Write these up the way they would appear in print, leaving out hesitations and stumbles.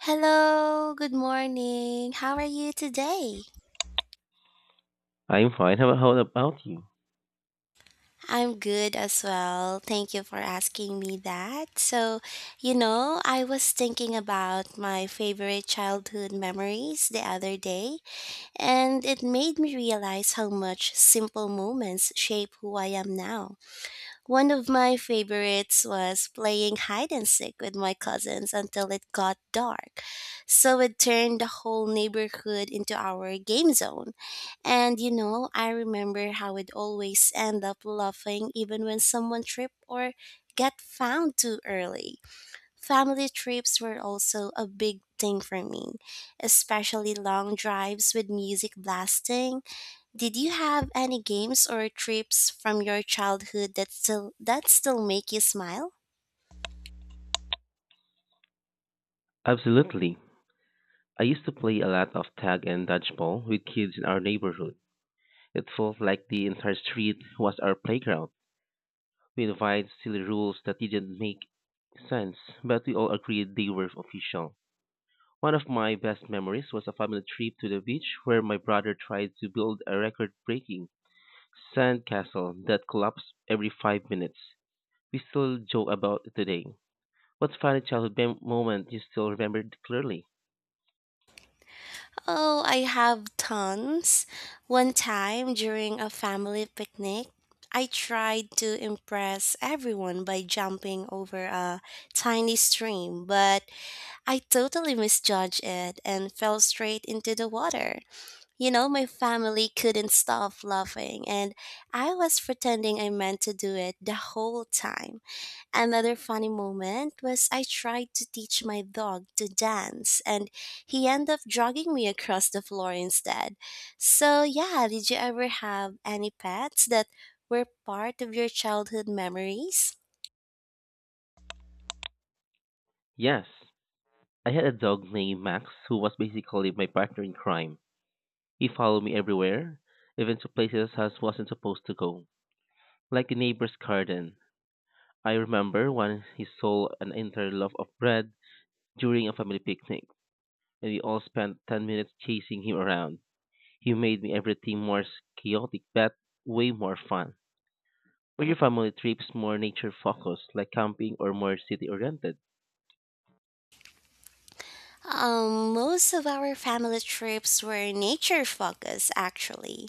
Hello, good morning. How are you today? I'm fine. How about you? I'm good as well. Thank you for asking me that. I was thinking about my favorite childhood memories the other day, and it made me realize how much simple moments shape who I am now. One of my favorites was playing hide and seek with my cousins until it got dark. So it turned the whole neighborhood into our game zone. I remember how we'd always end up laughing even when someone tripped or get found too early. Family trips were also a big thing for me, especially long drives with music blasting. Did you have any games or trips from your childhood that still make you smile? Absolutely. I used to play a lot of tag and dodgeball with kids in our neighborhood. It felt like the entire street was our playground. We devised silly rules that didn't make sense, but we all agreed they were official. One of my best memories was a family trip to the beach where my brother tried to build a record breaking sandcastle that collapsed every 5 minutes. We still joke about it today. What funny childhood moment you still remember clearly? Oh, I have tons. One time during a family picnic, I tried to impress everyone by jumping over a tiny stream, but I totally misjudged it and fell straight into the water. My family couldn't stop laughing, and I was pretending I meant to do it the whole time. Another funny moment was I tried to teach my dog to dance and he ended up dragging me across the floor instead. So, yeah, did you ever have any pets that were part of your childhood memories? Yes, I had a dog named Max who was basically my partner in crime. He followed me everywhere, even to places I wasn't supposed to go, like the neighbor's garden. I remember when he stole an entire loaf of bread during a family picnic, and we all spent 10 minutes chasing him around. He made me everything more chaotic but way more fun. Were your family trips more nature focused, like camping, or more city oriented? Most of our family trips were nature focused, actually.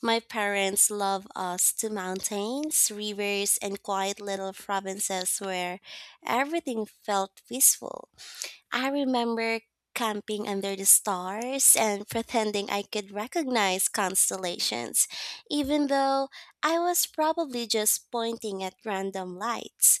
My parents love us to mountains, rivers, and quiet little provinces where everything felt peaceful. I remember camping under the stars and pretending I could recognize constellations, even though I was probably just pointing at random lights.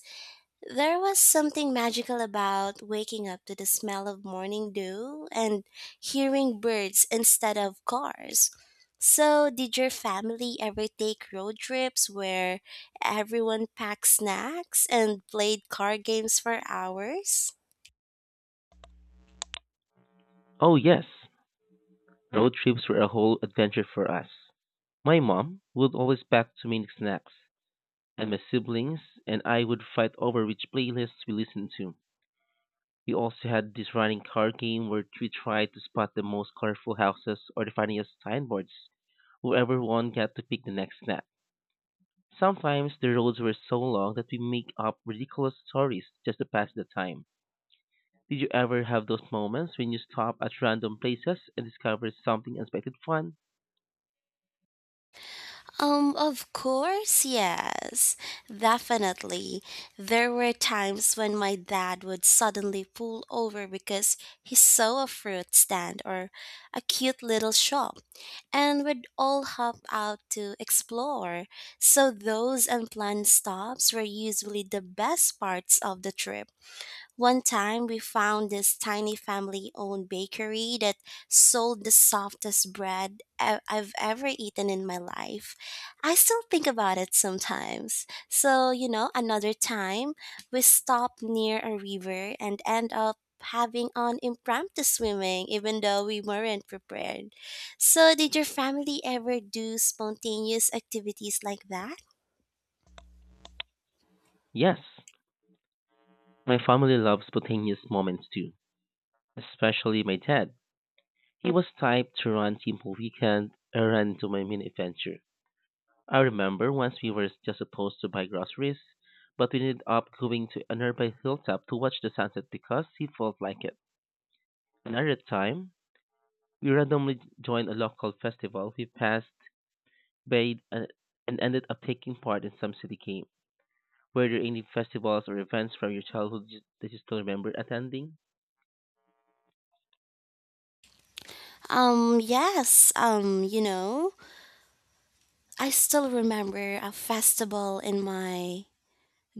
There was something magical about waking up to the smell of morning dew and hearing birds instead of cars. So, did your family ever take road trips where everyone packed snacks and played card games for hours? Oh, yes, road trips were a whole adventure for us. My mom would always pack too many snacks, and my siblings and I would fight over which playlists we listened to. We also had this running card game where we tried to spot the most colorful houses or the funniest signboards. Whoever won got to pick the next snack. Sometimes the roads were so long that we make up ridiculous stories just to pass the time. Did you ever have those moments when you stop at random places and discover something unexpected fun? Of course, yes. Definitely. There were times when my dad would suddenly pull over because he saw a fruit stand or a cute little shop and we would all hop out to explore. So those unplanned stops were usually the best parts of the trip. One time we found this tiny family owned bakery that sold the softest bread I've ever eaten in my life. I still think about it sometimes. Another time we stopped near a river and end up having an impromptu swimming even though we weren't prepared. So, did your family ever do spontaneous activities like that? Yes, my family loves spontaneous moments too, especially my dad. He was type to run team whole weekend and run into my mini adventure. I remember once we were just supposed to buy groceries, but we ended up going to a nearby hilltop to watch the sunset because he felt like it. Another time, we randomly joined a local festival. We passed, bathed, and ended up taking part in some city game. Were there any festivals or events from your childhood that you still remember attending? Yes. I still remember a festival in my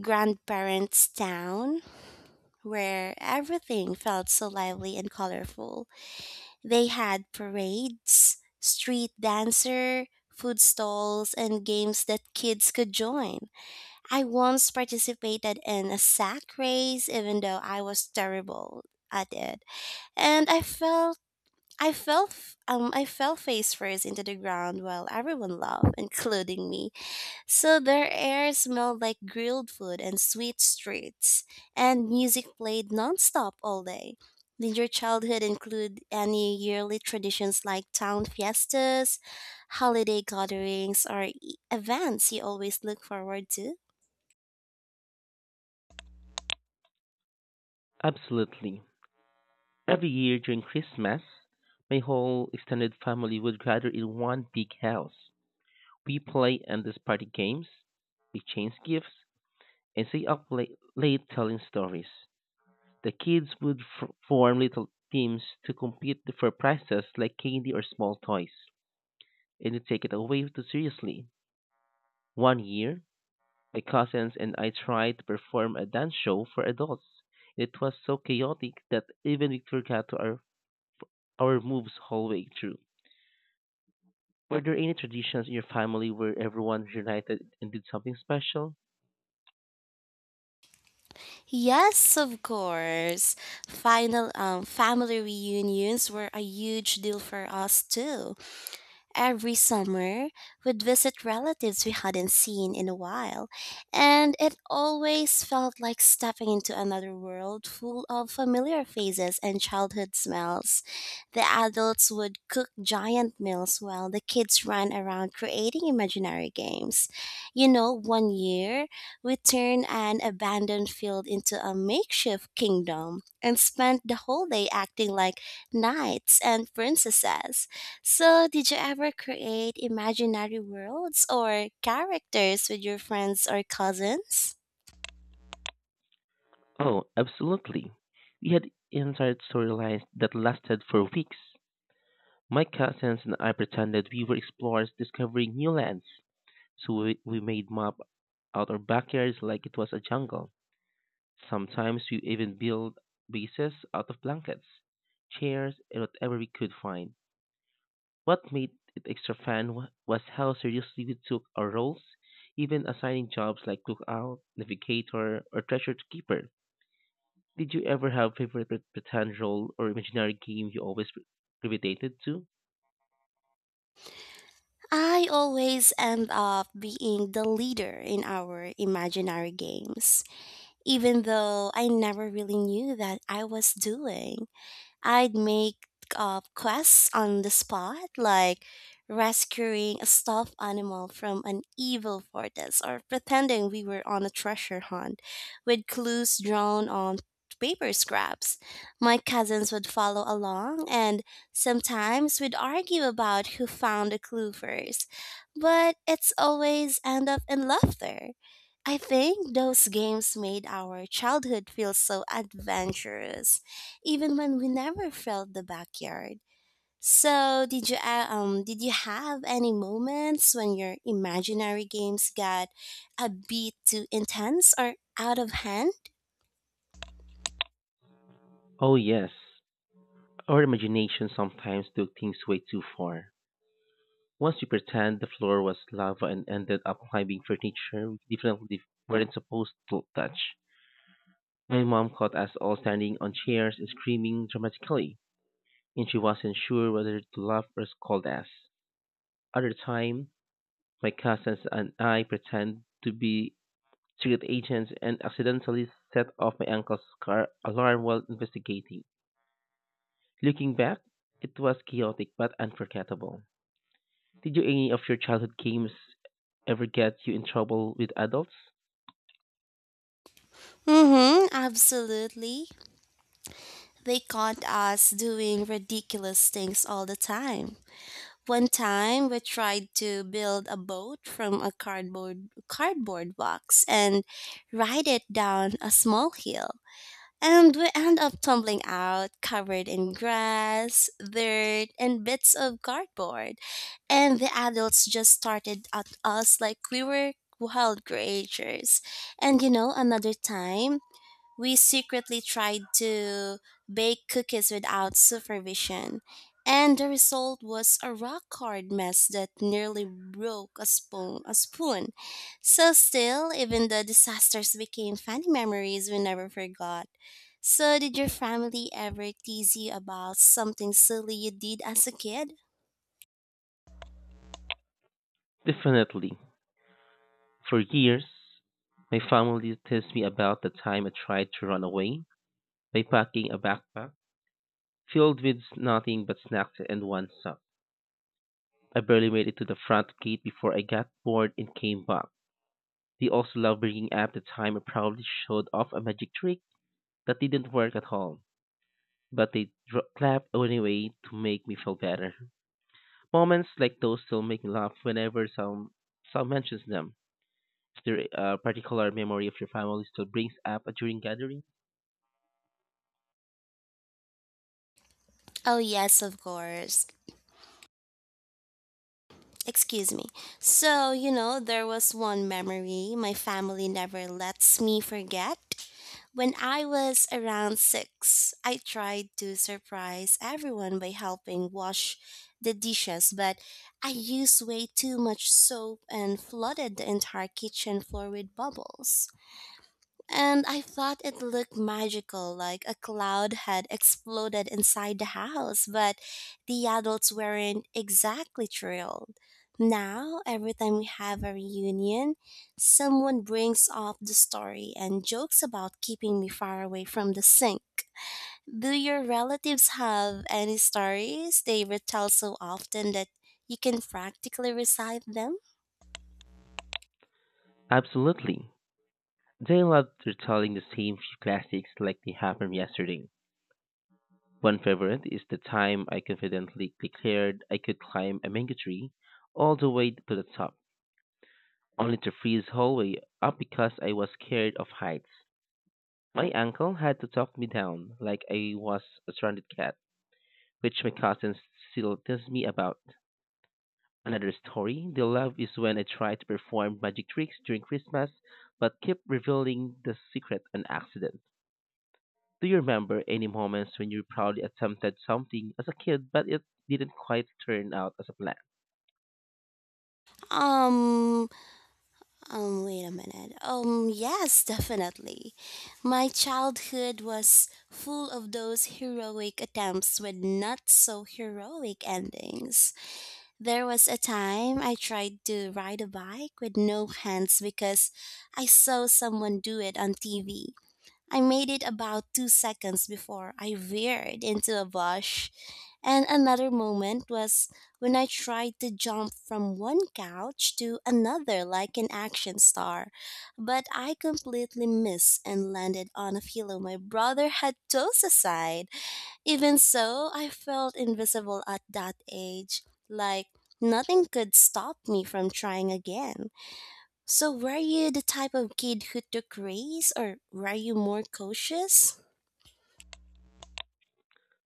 grandparents' town where everything felt so lively and colorful. They had parades, street dancer, food stalls, and games that kids could join. I once participated in a sack race even though I was terrible at it. And I felt I fell f- I fell face first into the ground while everyone laughed, including me. So their air smelled like grilled food and sweet streets, and music played nonstop all day. Did your childhood include any yearly traditions like town fiestas, holiday gatherings, or events you always look forward to? Absolutely. Every year during Christmas, my whole extended family would gather in one big house. We play endless party games, we change gifts, and stay up late telling stories. The kids would form little teams to compete for prizes like candy or small toys, and we take it away too seriously. One year, my cousins and I tried to perform a dance show for adults. It was so chaotic that even we forgot to our moves all the way through. Were there any traditions in your family where everyone united and did something special? Yes, of course. Final Family reunions were a huge deal for us too. Every summer, we'd visit relatives we hadn't seen in a while, and it always felt like stepping into another world full of familiar faces and childhood smells. The adults would cook giant meals while the kids ran around creating imaginary games. One year, we turned an abandoned field into a makeshift kingdom and spent the whole day acting like knights and princesses. So, did you ever create imaginary worlds or characters with your friends or cousins? Oh, absolutely. We had inside storylines that lasted for weeks. My cousins and I pretended we were explorers discovering new lands, so we made map out our backyards like it was a jungle. Sometimes we even built bases out of blankets, chairs, and whatever we could find. What made it extra fun was how seriously we took our roles, even assigning jobs like cookout, navigator, or treasure keeper. Did you ever have favorite pretend role or imaginary game you always gravitated to? I always end up being the leader in our imaginary games, even though I never really knew that I was doing. I'd make up quests on the spot, like rescuing a stuffed animal from an evil fortress or pretending we were on a treasure hunt with clues drawn on paper scraps. My cousins would follow along, and sometimes we'd argue about who found the clue first, but it's always end up in laughter. I think those games made our childhood feel so adventurous even when we never felt the backyard. So, did you have any moments when your imaginary games got a bit too intense or out of hand? Oh yes, our imagination sometimes took things way too far. Once we pretend the floor was lava and ended up climbing furniture we definitely weren't supposed to touch. My mom caught us all standing on chairs and screaming dramatically, and she wasn't sure whether to laugh or scold us. Other time, my cousins and I pretend to be secret agents and accidentally set off my uncle's car alarm while investigating. Looking back, it was chaotic but unforgettable. Did you any of your childhood games ever get you in trouble with adults? Mhm, absolutely. They caught us doing ridiculous things all the time. One time we tried to build a boat from a cardboard box and ride it down a small hill. And we end up tumbling out, covered in grass, dirt, and bits of cardboard. And the adults just started at us like we were wild creatures. Another time, we secretly tried to bake cookies without supervision. And the result was a rock hard mess that nearly broke a spoon. A spoon. So still, even the disasters became funny memories we never forgot. So, did your family ever tease you about something silly you did as a kid? Definitely. For years, my family teased me about the time I tried to run away by packing a backpack filled with nothing but snacks and one sup. I barely made it to the front gate before I got bored and came back. They also love bringing up the time I probably showed off a magic trick that didn't work at all, but they clap anyway to make me feel better. Moments like those still make me laugh whenever some mentions them. Is there a particular memory of your family still brings up during gathering? Oh, yes, of course. Excuse me. There was one memory my family never lets me forget. When I was around six, I tried to surprise everyone by helping wash the dishes, but I used way too much soap and flooded the entire kitchen floor with bubbles. And I thought it looked magical, like a cloud had exploded inside the house, but the adults weren't exactly thrilled. Now, every time we have a reunion, someone brings up the story and jokes about keeping me far away from the sink. Do your relatives have any stories they retell so often that you can practically recite them? Absolutely. They love telling the same few classics like they happened yesterday. One favorite is the time I confidently declared I could climb a mango tree all the way to the top, only to freeze halfway up because I was scared of heights. My uncle had to talk me down like I was a stranded cat, which my cousins still tease me about. Another story they love is when I try to perform magic tricks during Christmas but keep revealing the secret on accident. Do you remember any moments when you proudly attempted something as a kid but it didn't quite turn out as a plan? Um, Wait a minute. Yes, definitely. My childhood was full of those heroic attempts with not so heroic endings. There was a time I tried to ride a bike with no hands because I saw someone do it on TV. I made it about two seconds before I veered into a bush, and another moment was when I tried to jump from one couch to another like an action star, but I completely missed and landed on a pillow my brother had tossed aside. Even so, I felt invisible at that age, like nothing could stop me from trying again. So, were you the type of kid who took risks, or were you more cautious?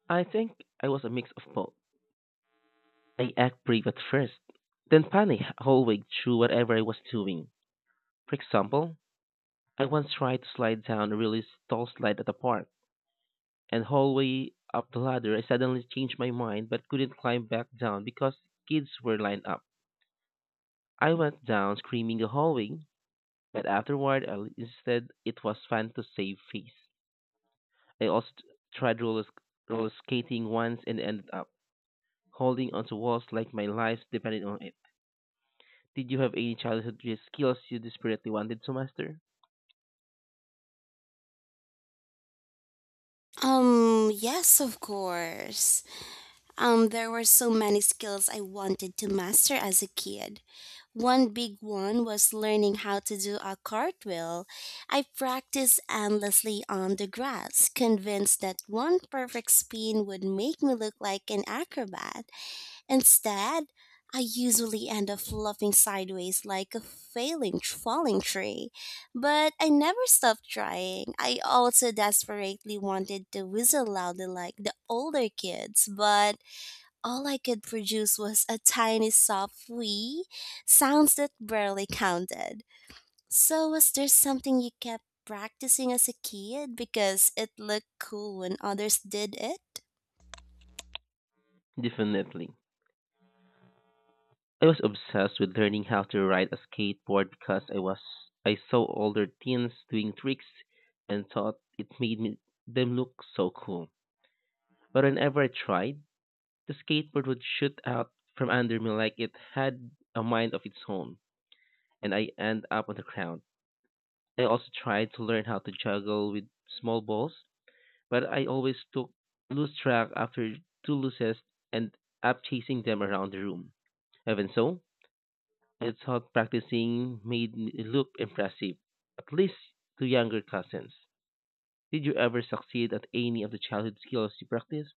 I think I was a mix of both. I act brave at first, then panic halfway through whatever I was doing. For example, I once tried to slide down a really tall slide at the park, and halfway up the ladder I suddenly changed my mind but couldn't climb back down because kids were lined up. I went down screaming the hallway, but afterward I insisted it was fun to save face. I also tried roller skating once and ended up holding onto walls like my life depended on it. Did you have any childhood skills you desperately wanted to master? Yes, of course. There were so many skills I wanted to master as a kid. One big one was learning how to do a cartwheel. I practiced endlessly on the grass, convinced that one perfect spin would make me look like an acrobat. Instead, I usually end up flopping sideways like a failing falling tree. But I never stopped trying. I also desperately wanted to whistle loudly like the older kids, but all I could produce was a tiny soft wee, sounds that barely counted. So was there something you kept practicing as a kid because it looked cool when others did it? Definitely. I was obsessed with learning how to ride a skateboard because I saw older teens doing tricks and thought it made them look so cool. But whenever I tried, the skateboard would shoot out from under me like it had a mind of its own, and I end up on the ground. I also tried to learn how to juggle with small balls, but I always took lose track after two loses and up chasing them around the room. Even so, I thought practicing made me look impressive, at least to younger cousins. Did you ever succeed at any of the childhood skills you practiced?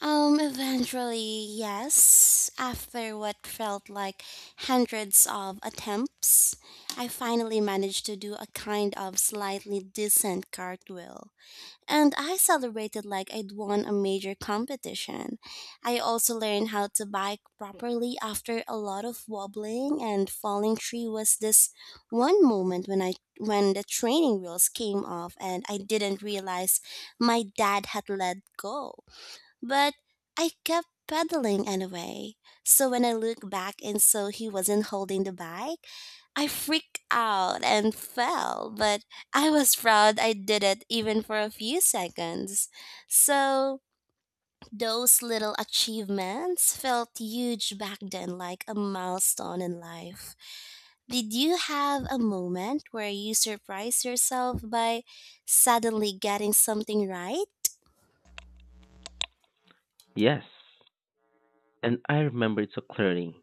Eventually, yes. After what felt like hundreds of attempts, I finally managed to do a kind of slightly decent cartwheel. And I celebrated like I'd won a major competition. I also learned how to bike properly after a lot of wobbling and falling tree was this one moment when I when the training wheels came off and I didn't realize my dad had let go. But I kept pedaling anyway. So when I looked back and saw he wasn't holding the bike, I freaked out and fell, but I was proud I did it even for a few seconds. So, those little achievements felt huge back then, like a milestone in life. Did you have a moment where you surprised yourself by suddenly getting something right? Yes, and I remember it so clearly.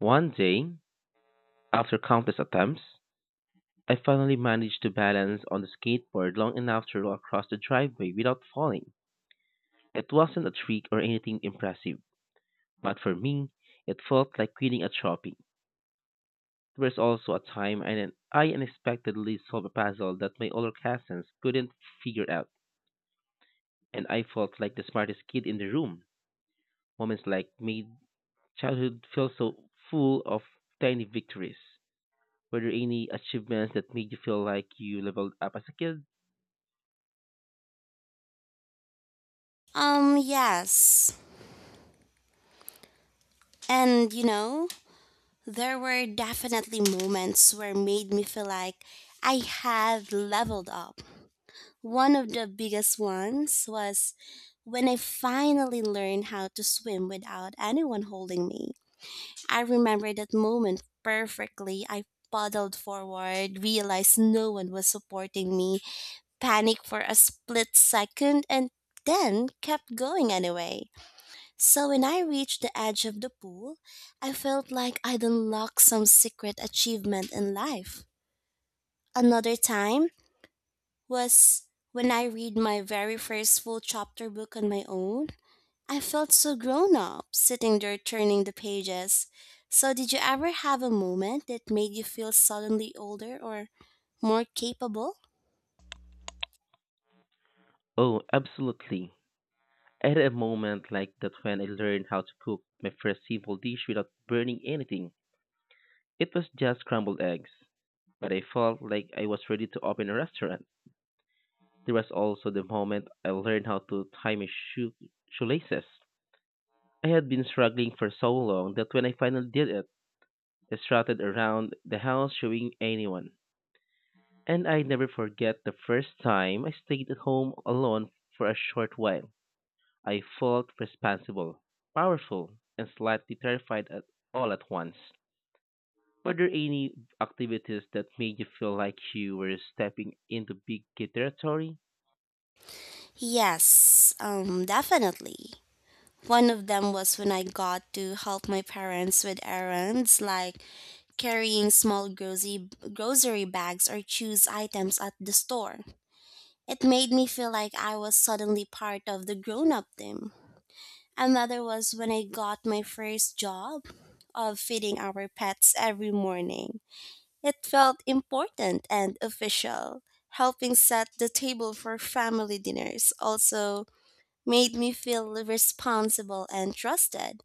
One day, after countless attempts, I finally managed to balance on the skateboard long enough to roll across the driveway without falling. It wasn't a trick or anything impressive, but for me, it felt like quitting at shopping. There was also a time I unexpectedly solved a puzzle that my older cousins couldn't figure out, and I felt like the smartest kid in the room. Moments like made childhood feel so full of tiny victories. Were there any achievements that made you feel like you leveled up as a kid? Yes. And you know, There were definitely moments where made me feel like I had leveled up. One of the biggest ones was when I finally learned how to swim without anyone holding me. I remember that moment perfectly. I paddled forward, realized no one was supporting me, panicked for a split second, and then kept going anyway. So when I reached the edge of the pool, I felt like I'd unlocked some secret achievement in life. Another time was when I read my very first full chapter book on my own. I felt so grown up sitting there turning the pages. So did you ever have a moment that made you feel suddenly older or more capable? Oh, absolutely. I had a moment like that when I learned how to cook my first simple dish without burning anything. It was just scrambled eggs, but I felt like I was ready to open a restaurant. There was also the moment I learned how to tie my shoelaces. I had been struggling for so long that when I finally did it, I strutted around the house showing anyone. And I never forget the first time I stayed at home alone for a short while. I felt responsible, powerful, and slightly terrified at all at once. Were there any activities that made you feel like you were stepping into big kid territory? Yes, definitely. One of them was when I got to help my parents with errands like carrying small grocery bags or choose items at the store. It made me feel like I was suddenly part of the grown up team. Another was when I got my first job of feeding our pets every morning. It felt important and official. Helping set the table for family dinners also made me feel responsible and trusted.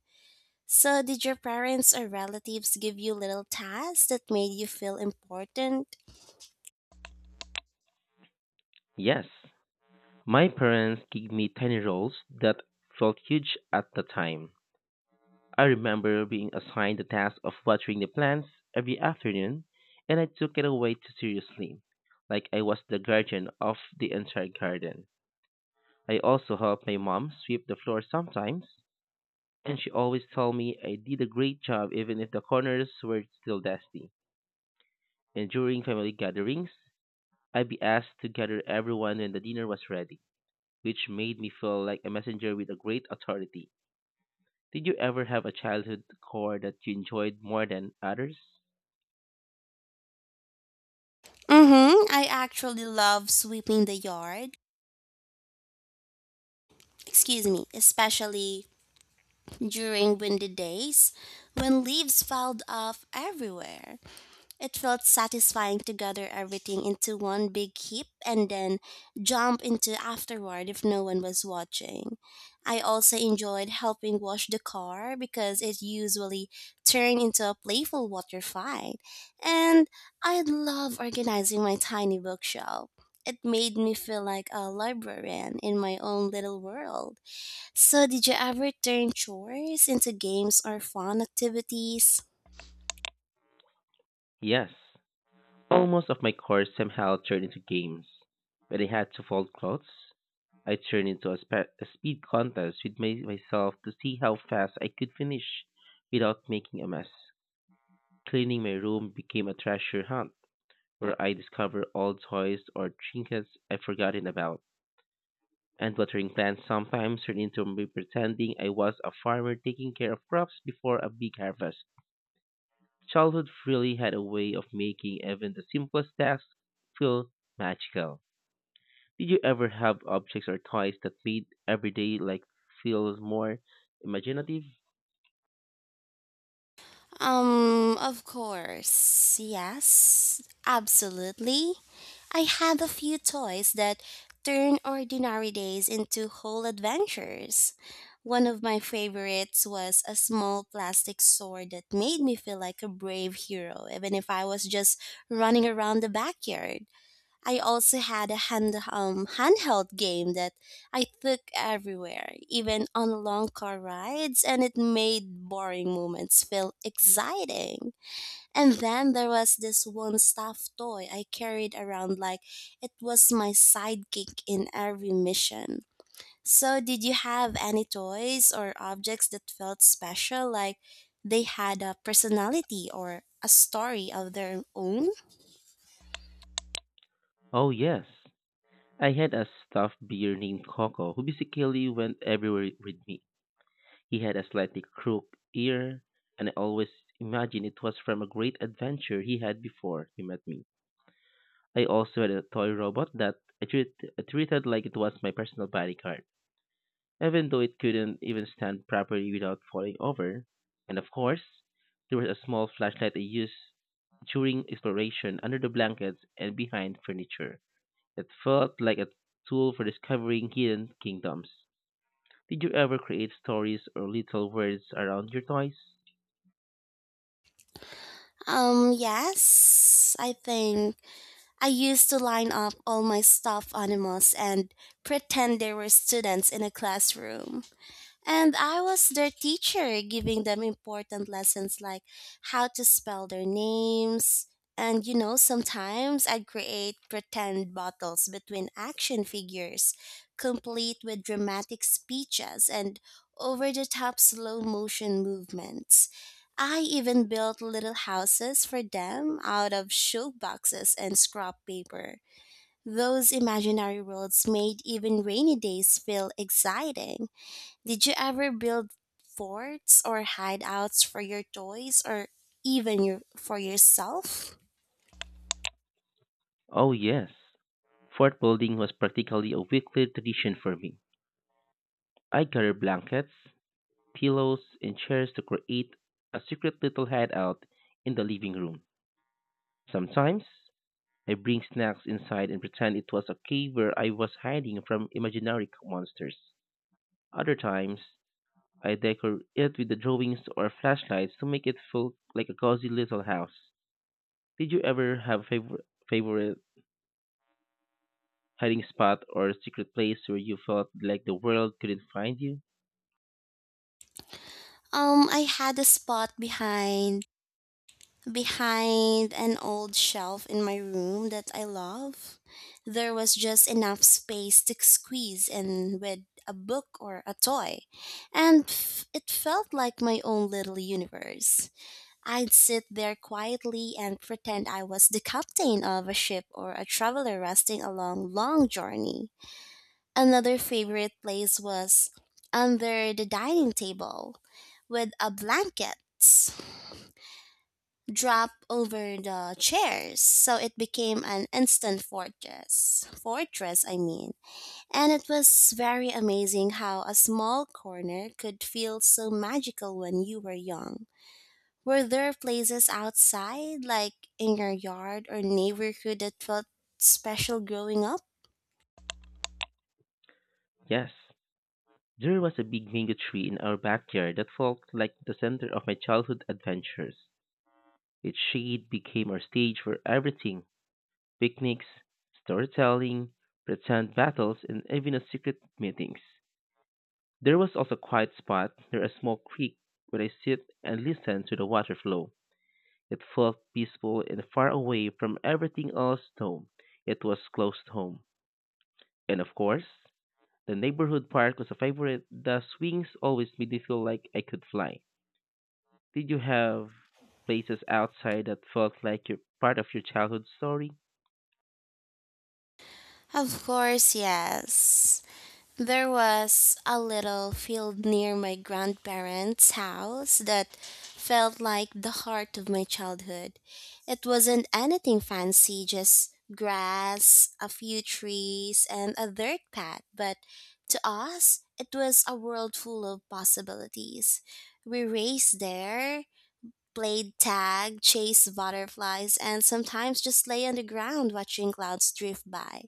So, did your parents or relatives give you little tasks that made you feel important? Yes. My parents gave me tiny roles that felt huge at the time. I remember being assigned the task of watering the plants every afternoon, and I took it away too seriously, like I was the guardian of the entire garden. I also helped my mom sweep the floor sometimes, and she always told me I did a great job even if the corners were still dusty, and during family gatherings, I'd be asked to gather everyone when the dinner was ready, which made me feel like a messenger with a great authority. Did you ever have a childhood core that you enjoyed more than others? Mm-hmm. I actually love sweeping the yard. Excuse me, especially during windy days when leaves piled up everywhere. It felt satisfying to gather everything into one big heap and then jump into afterward if no one was watching. I also enjoyed helping wash the car because it usually turned into a playful water fight. And I love organizing my tiny bookshelf. It made me feel like a librarian in my own little world. So, did you ever turn chores into games or fun activities? Yes. Almost of my core somehow turned into games. When I had to fold clothes, I turned into a speed contest with myself to see how fast I could finish without making a mess. Cleaning my room became a treasure hunt where I discover old toys or trinkets I've forgotten about. And watering plants sometimes turn into me pretending I was a farmer taking care of crops before a big harvest. Childhood really had a way of making even the simplest tasks feel magical. Did you ever have objects or toys that made everyday like feel more imaginative? Of course. Yes, absolutely. I have a few toys that turn ordinary days into whole adventures. One of my favorites was a small plastic sword that made me feel like a brave hero, even if I was just running around the backyard. I also had a handheld game that I took everywhere, even on long car rides, and it made boring moments feel exciting. And then there was this one stuffed toy I carried around like it was my sidekick in every mission. So, did you have any toys or objects that felt special, like they had a personality or a story of their own? Oh yes. I had a stuffed bear named Coco who basically went everywhere with me. He had a slightly crooked ear, and I always imagined it was from a great adventure he had before he met me. I also had a toy robot that I treated like it was my personal bodyguard, even though it couldn't even stand properly without falling over. And of course, there was a small flashlight I used during exploration under the blankets and behind furniture. It felt like a tool for discovering hidden kingdoms. Did you ever create stories or little words around your toys? Yes, I think I used to line up all my stuffed animals and pretend they were students in a classroom. And I was their teacher, giving them important lessons like how to spell their names. And you know, sometimes I'd create pretend battles between action figures, complete with dramatic speeches and over the top slow motion movements. I even built little houses for them out of shoe boxes and scrap paper. Those imaginary worlds made even rainy days feel exciting. Did you ever build forts or hideouts for your toys or even for yourself? Oh, yes. Fort building was practically a weekly tradition for me. I gathered blankets, pillows, and chairs to create a secret little hideout in the living room. Sometimes, I bring snacks inside and pretend it was a cave where I was hiding from imaginary monsters. Other times, I decor it with the drawings or flashlights to make it feel like a cozy little house. Did you ever have favorite hiding spot or secret place where you felt like the world couldn't find you? I had a spot behind an old shelf in my room that I love. There was just enough space to squeeze in with a book or a toy, and it felt like my own little universe. I'd sit there quietly and pretend I was the captain of a ship or a traveler resting a long, long journey. Another favorite place was under the dining table with a blanket dropped over the chairs so it became an instant fortress. And it was very amazing how a small corner could feel so magical when you were young. Were there places outside, like in your yard or neighborhood, that felt special growing up? Yes, there was a big mango tree in our backyard that felt like the center of my childhood adventures. Its shade became our stage for everything picnics, storytelling, pretend battles, and even a secret meetings. There was also a quiet spot near a small creek where I sit and listen to the water flow. It felt peaceful and far away from everything else home. It was close to home. And of course, the neighborhood park was a favorite. The swings always made me feel like I could fly. Did you have places outside that felt like you're part of your childhood story? Of course, yes. There was a little field near my grandparents' house that felt like the heart of my childhood. It wasn't anything fancy, just grass, a few trees, and a dirt path, but to us, it was a world full of possibilities. We raced there, played tag, chased butterflies, and sometimes just lay on the ground watching clouds drift by.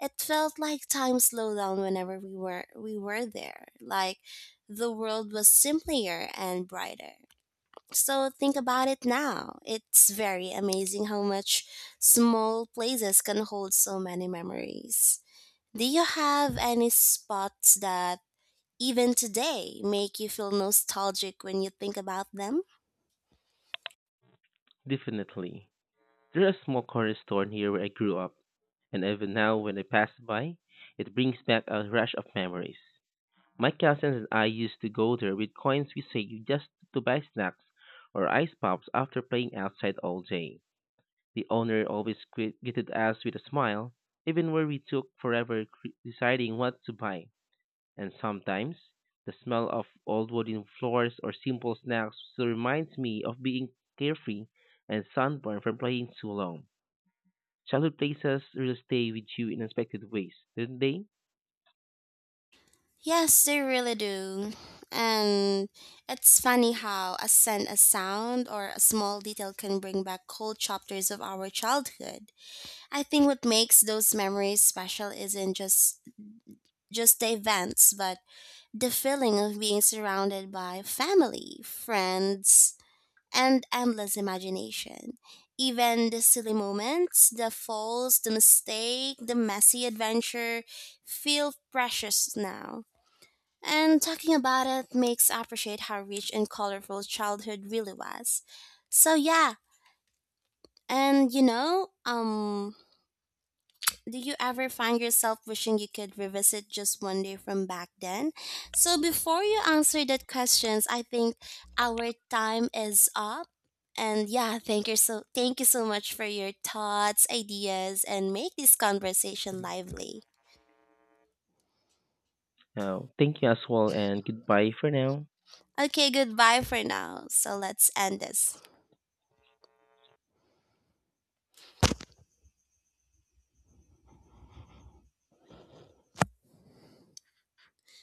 It felt like time slowed down whenever we were there, like the world was simpler and brighter. So think about it now. It's very amazing how much small places can hold so many memories. Do you have any spots that even today make you feel nostalgic when you think about them? Definitely. There's a small corner store near where I grew up, and even now when I pass by, it brings back a rush of memories. My cousins and I used to go there with coins we saved just to buy snacks or ice pops after playing outside all day. The owner always greeted us with a smile, even where we took forever deciding what to buy, and sometimes the smell of old wooden floors or simple snacks still reminds me of being carefree and sunburned from playing too long. Childhood places really stay with you in unexpected ways, don't they? Yes, they really do. And it's funny how a scent, a sound, or a small detail can bring back whole chapters of our childhood. I think what makes those memories special isn't just the events, but the feeling of being surrounded by family, friends, and endless imagination. Even the silly moments, the falls, the mistake, the messy adventure feel precious now, and talking about it makes appreciate how rich and colorful childhood really was. So yeah, and do you ever find yourself wishing you could revisit just one day from back then? So before you answer that questions, I think our time is up. And yeah, thank you so much for your thoughts, ideas and make this conversation lively. Thank you as well, and goodbye for now. Okay, goodbye for now. So let's end this.